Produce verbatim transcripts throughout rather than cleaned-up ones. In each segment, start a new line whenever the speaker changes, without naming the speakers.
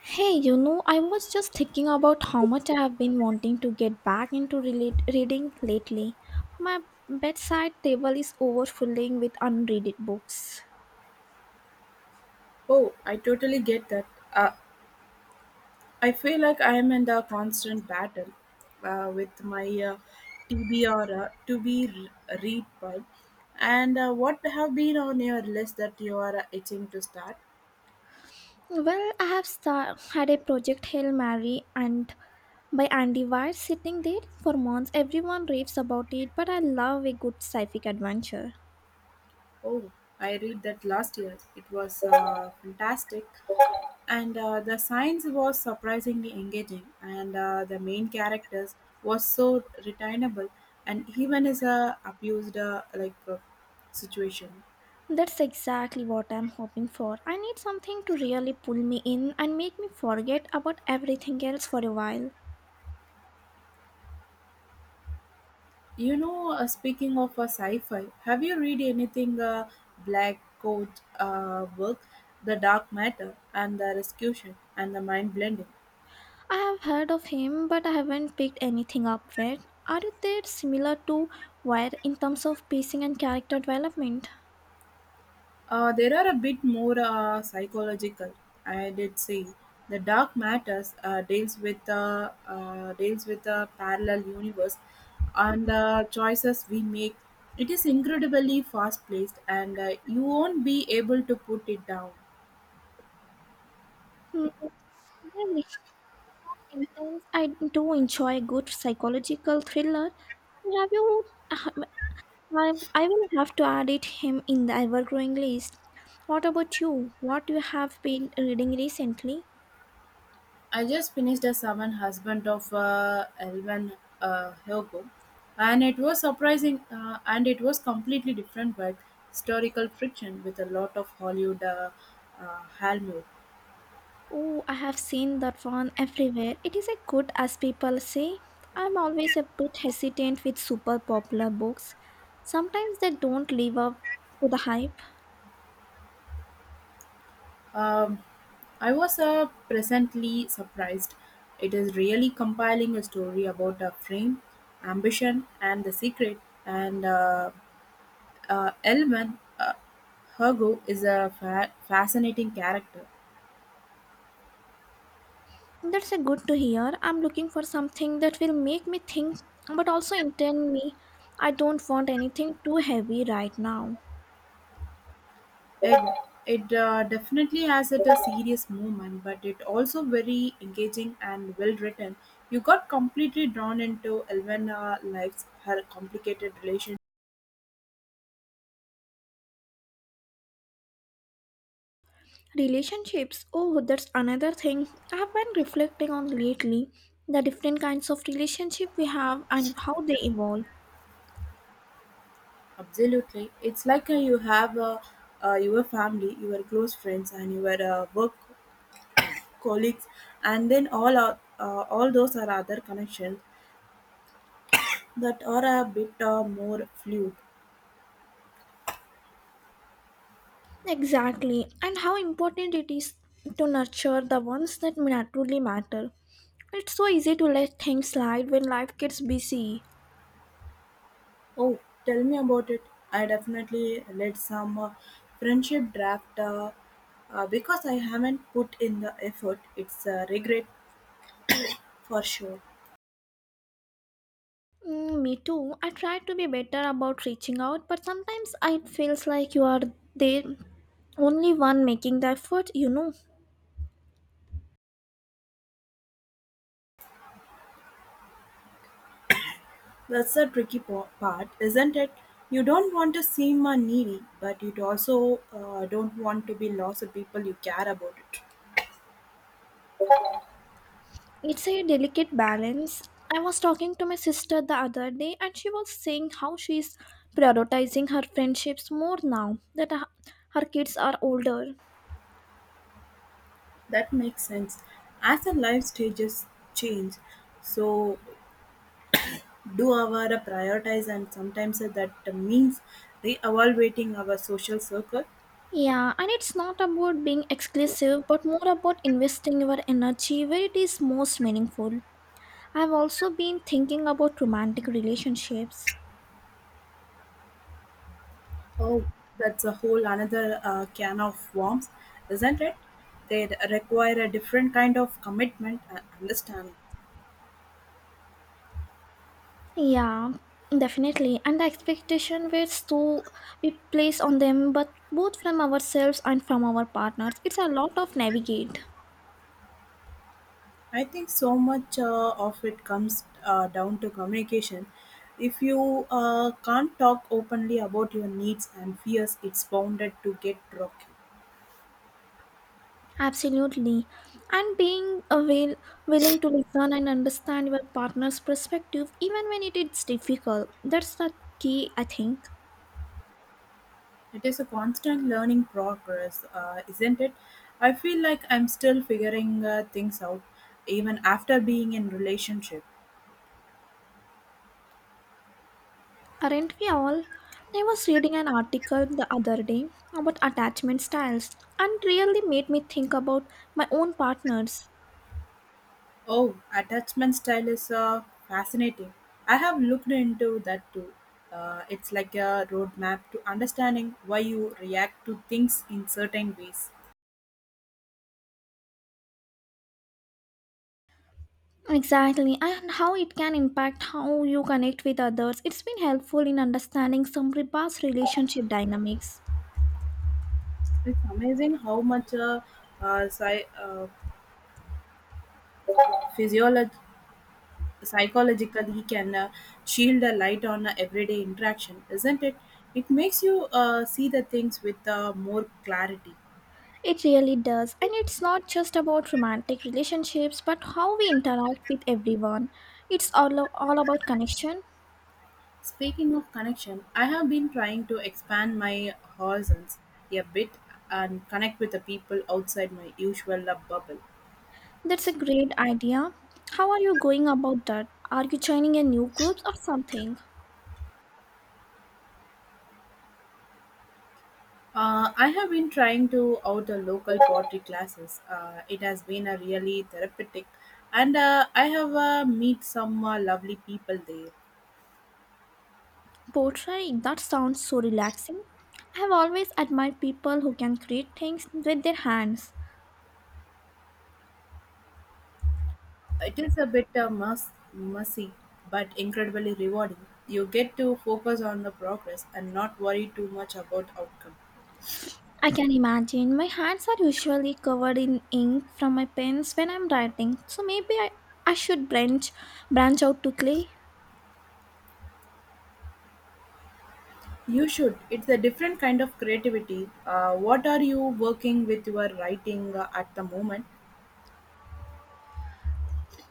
Hey, you know, I was just thinking about how much I have been wanting to get back into relate- reading lately. My bedside table is overflowing with unread books.
Oh, I totally get that. Uh, I feel like I am in the constant battle uh, with my uh, T B or uh, to be re- read by. And uh, what have been on your list that you are uh, itching to start?
Well, I have star- had a project Hail Mary and by Andy Weir sitting there for months. Everyone raves about it, but I love a good sci-fi adventure.
Oh, I read that last year. It was uh, fantastic, and uh, the science was surprisingly engaging, and uh, the main characters was so retainable, and even is a abused uh, like uh, situation.
That's exactly what I'm hoping for. I need something to really pull me in and make me forget about everything else for a while.
You know, uh, speaking of a sci-fi, have you read anything uh, Black Coat uh, work, The Dark Matter and the Rescution and the Mind Blending?
I have heard of him, but I haven't picked anything up yet. Are they similar to Wire in terms of pacing and character development?
Uh, there are a bit more uh, psychological. I did see the Dark Matters uh, deals with uh, uh, deals with a parallel universe and the choices we make. It is incredibly fast-paced, and uh, you won't be able to put it down.
Hmm, they're rich, intense. I do enjoy a good psychological thriller. Have you? I I will have to add it him in the ever-growing list. What about you? What you have been reading recently?
I just finished The Seven Husband of uh, Elvin uh, Hugo, and it was surprising, uh, and it was completely different but historical friction with a lot of Hollywood uh, uh, Hollywood.
Oh, I have seen that one everywhere. It is a good as people say. I'm always a bit hesitant with super popular books. Sometimes they don't live up to the hype.
Um, I was uh, presently surprised. It is really compiling a story about a frame, ambition, and the secret. And uh, uh, Elman uh, Hergo is a fa- fascinating character.
That's a good to hear. I'm looking for something that will make me think but also entertain me. I don't want anything too heavy right now.
It it uh, definitely has it a serious moment, but it also very engaging and well written. You got completely drawn into Elvena life's her complicated relation.
Relationships. Oh, that's another thing I have been reflecting on lately. The different kinds of relationship we have and how they evolve.
Absolutely, it's like uh, you have uh, uh, your family, your close friends, and your uh, work colleagues, and then all uh, uh, all those are other connections that are a bit uh, more fluid.
Exactly, and how important it is to nurture the ones that ma- truly matter. It's so easy to let things slide when life gets busy.
Oh, tell me about it. I definitely let some uh, friendship draft uh, uh, because I haven't put in the effort. It's a regret for sure.
Mm, me too. I try to be better about reaching out, but sometimes it feels like you are the only one making the effort, you know.
That's the tricky po- part, isn't it? You don't want to seem uh, needy, but you also uh, don't want to be lost to people you care about it.
It's a delicate balance. I was talking to my sister the other day, and she was saying how she's prioritizing her friendships more now that her her kids are older.
That makes sense. As our life stages change, so do our uh, prioritize, and sometimes uh, that means re-evaluating our social circle.
Yeah, and it's not about being exclusive, but more about investing your energy where it is most meaningful. I've also been thinking about romantic relationships.
Oh, that's a whole another uh, can of worms, isn't it? They require a different kind of commitment and understanding.
Yeah, definitely. And the expectation which to we place on them, but both from ourselves and from our partners, it's a lot of navigate.
I think so much uh, of it comes uh, down to communication. If you uh, can't talk openly about your needs and fears, it's bounded to get rocky.
Absolutely. And being avail- willing to listen and understand your partner's perspective, even when it is difficult, that's the key, I think.
It is a constant learning progress, uh, isn't it? I feel like I'm still figuring uh, things out, even after being in relationship.
Aren't we all? I was reading an article the other day about attachment styles and really made me think about my own partners.
Oh, attachment style is uh, fascinating. I have looked into that too. Uh, it's like a roadmap to understanding why you react to things in certain ways.
Exactly, and how it can impact how you connect with others. It's been helpful in understanding some past relationship dynamics.
It's amazing how much uh, uh, psy- uh, physiolog- psychologically can uh, shield a light on uh, everyday interaction, isn't it? It makes you uh, see the things with uh, more clarity.
It really does, and it's not just about romantic relationships but how we interact with everyone. It's all, all about connection.
Speaking of connection, I have been trying to expand my horizons a bit and connect with the people outside my usual love bubble.
That's a great idea. How are you going about that? Are you joining a new group or something?
Uh, I have been trying to out a local pottery classes. Uh, it has been a really therapeutic, and uh, I have uh, meet some uh, lovely people there.
Pottery, that sounds so relaxing. I have always admired people who can create things with their hands.
It is a bit uh, mess, messy, but incredibly rewarding. You get to focus on the progress and not worry too much about outcome.
I can imagine my hands are usually covered in ink from my pens when I'm writing, so maybe I, I should branch branch out to clay.
You should. It's a different kind of creativity. Uh, what are you working with your writing uh, at the moment?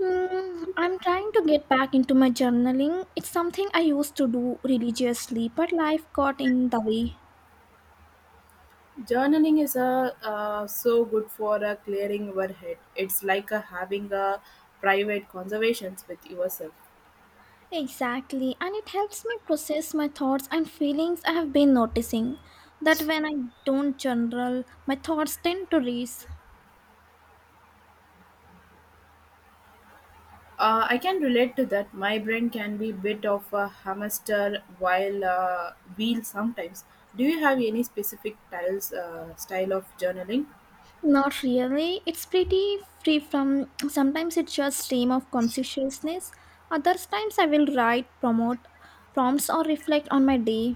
Hmm, I'm trying to get back into my journaling. It's something I used to do religiously, but life got in the way.
Journaling is a uh, so good for uh, clearing your head. It's like uh, having a private conversations with yourself.
Exactly, and it helps me process my thoughts and feelings. I have been noticing that when I don't journal, my thoughts tend to race.
Uh, I can relate to that. My brain can be bit of a hamster while uh, wheel sometimes. Do you have any specific tiles, uh, style of journaling?
Not really, it's pretty free from sometimes it's just stream of consciousness. Other times I will write, promote prompts or reflect on my day.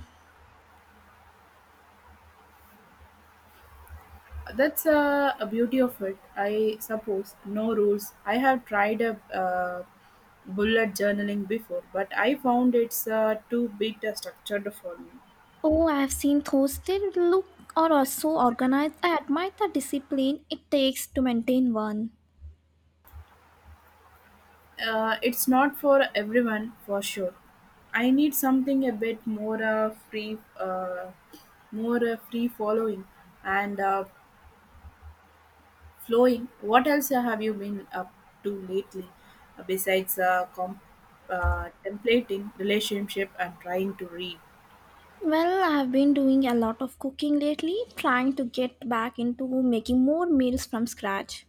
That's uh, a beauty of it, I suppose. No rules. I have tried a uh, bullet journaling before, but I found it's uh, too bit uh, structured for me.
Oh, I have seen those they look or are so organized. I admire the discipline it takes to maintain one.
Uh, it's not for everyone, for sure. I need something a bit more uh, free, uh, more uh, free following and uh, flowing. What else have you been up to lately, uh, besides uh, com- uh, templating relationship and trying to read?
Well, I've been doing a lot of cooking lately, trying to get back into making more meals from scratch.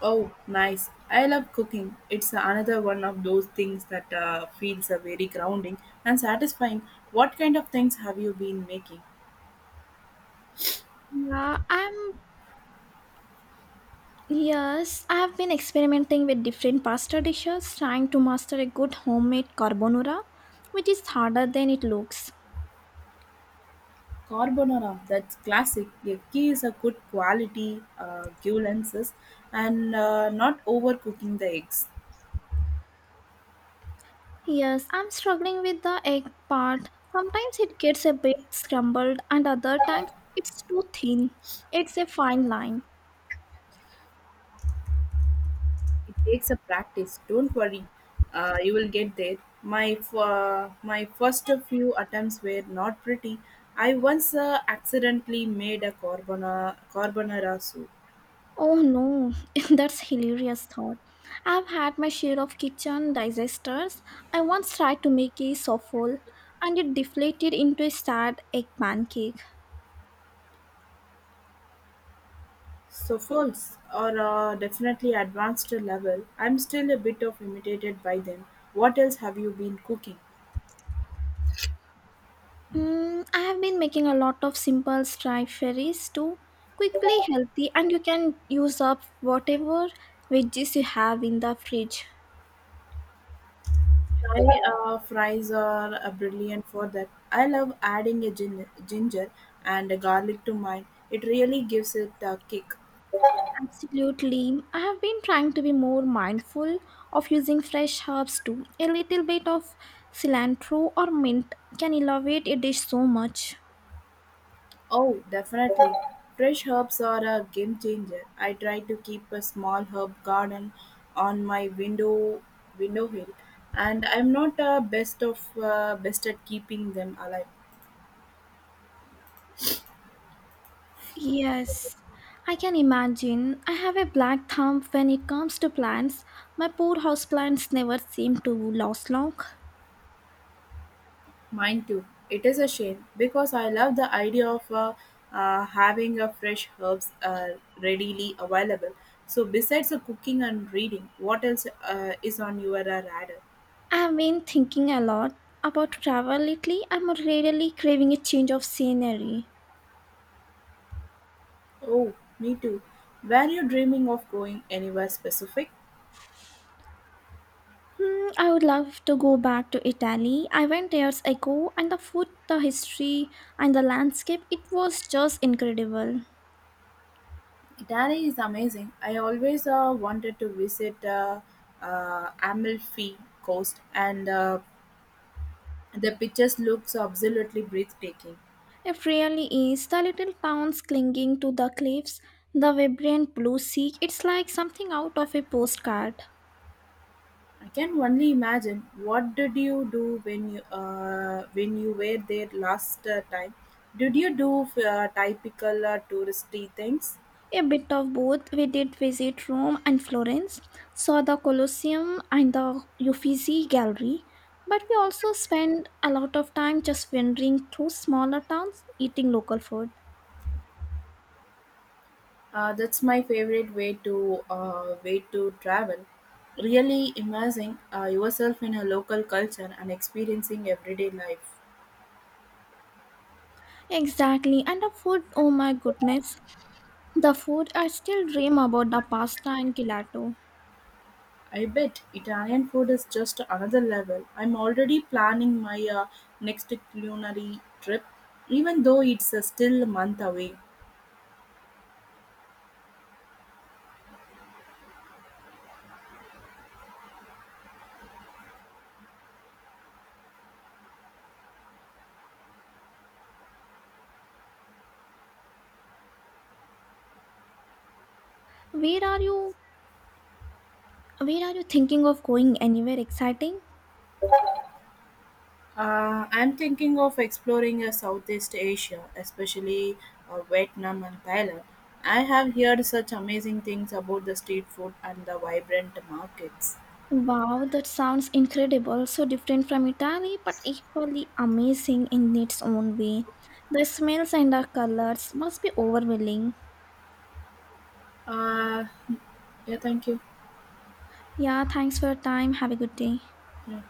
Oh, nice. I love cooking. It's another one of those things that uh, feels uh, very grounding and satisfying. What kind of things have you been making?
Yeah, I'm. Yes, I've been experimenting with different pasta dishes, trying to master a good homemade carbonara, which is harder than it looks.
Carbonara, that's classic. The key is a good quality uh, lenses and uh, not overcooking the eggs.
Yes, I'm struggling with the egg part. Sometimes it gets a bit scrambled, and other times it's too thin. It's a fine line.
It takes a practice. Don't worry, uh, you will get there. My f- uh, my first few attempts were not pretty. I once uh, accidentally made a carbona- carbonara soup.
Oh no, that's hilarious thought. I've had my share of kitchen disasters. I once tried to make a souffle and it deflated into a sad egg pancake.
So folks are uh, definitely advanced level. I'm still a bit of imitated by them. What else have you been cooking?
Mm, I have been making a lot of simple stir fries too. Quickly healthy and you can use up whatever veggies you have in the fridge.
Thai uh, fries are uh, brilliant for that. I love adding a gin- ginger and a garlic to mine. It really gives it a kick.
Absolutely. I have been trying to be more mindful of using fresh herbs too. A little bit of cilantro or mint can elevate a dish so much.
Oh, definitely. Fresh herbs are a game changer. I try to keep a small herb garden on my window window hill, and I'm not uh, best of uh, best at keeping them alive.
Yes, I can imagine. I have a black thumb when it comes to plants. My poor houseplants never seem to last long.
Mine too. It is a shame because I love the idea of uh, uh, having a fresh herbs uh, readily available. So besides the cooking and reading, what else uh, is on your uh, radar?
I have been thinking a lot about travel lately. I'm really craving a change of scenery.
Oh, me too. Were you dreaming of going anywhere specific?
Hmm, I would love to go back to Italy. I went years ago, and the food, the history, and the landscape, it was just incredible.
Italy is amazing. I always uh, wanted to visit uh, uh, Amalfi Coast, and uh, the pictures looks absolutely breathtaking.
It really is. The little towns clinging to the cliffs, the vibrant blue sea, it's like something out of a postcard.
I can only imagine. What did you do when you uh, when you were there last uh, time? Did you do uh, typical uh, touristy things?
A bit of both. We did visit Rome and Florence, saw the Colosseum and the Uffizi Gallery, but we also spent a lot of time just wandering through smaller towns eating local food.
Uh, that's my favorite way to uh, way to travel. Really immersing uh, yourself in a local culture and experiencing everyday life.
Exactly. And the food, oh my goodness. The food I still dream about the pasta and gelato.
I bet Italian food is just another level. I'm already planning my uh, next culinary trip, even though it's uh, still a month away.
Where are you where are you thinking of going anywhere exciting?
Uh, I'm thinking of exploring uh, Southeast Asia, especially uh, Vietnam and Thailand. I have heard such amazing things about the street food and the vibrant markets.
Wow, that sounds incredible. So different from Italy, but equally amazing in its own way. The smells and the colors must be overwhelming.
Uh, yeah, thank you.
Yeah, thanks for your time. Have a good day.
Yeah.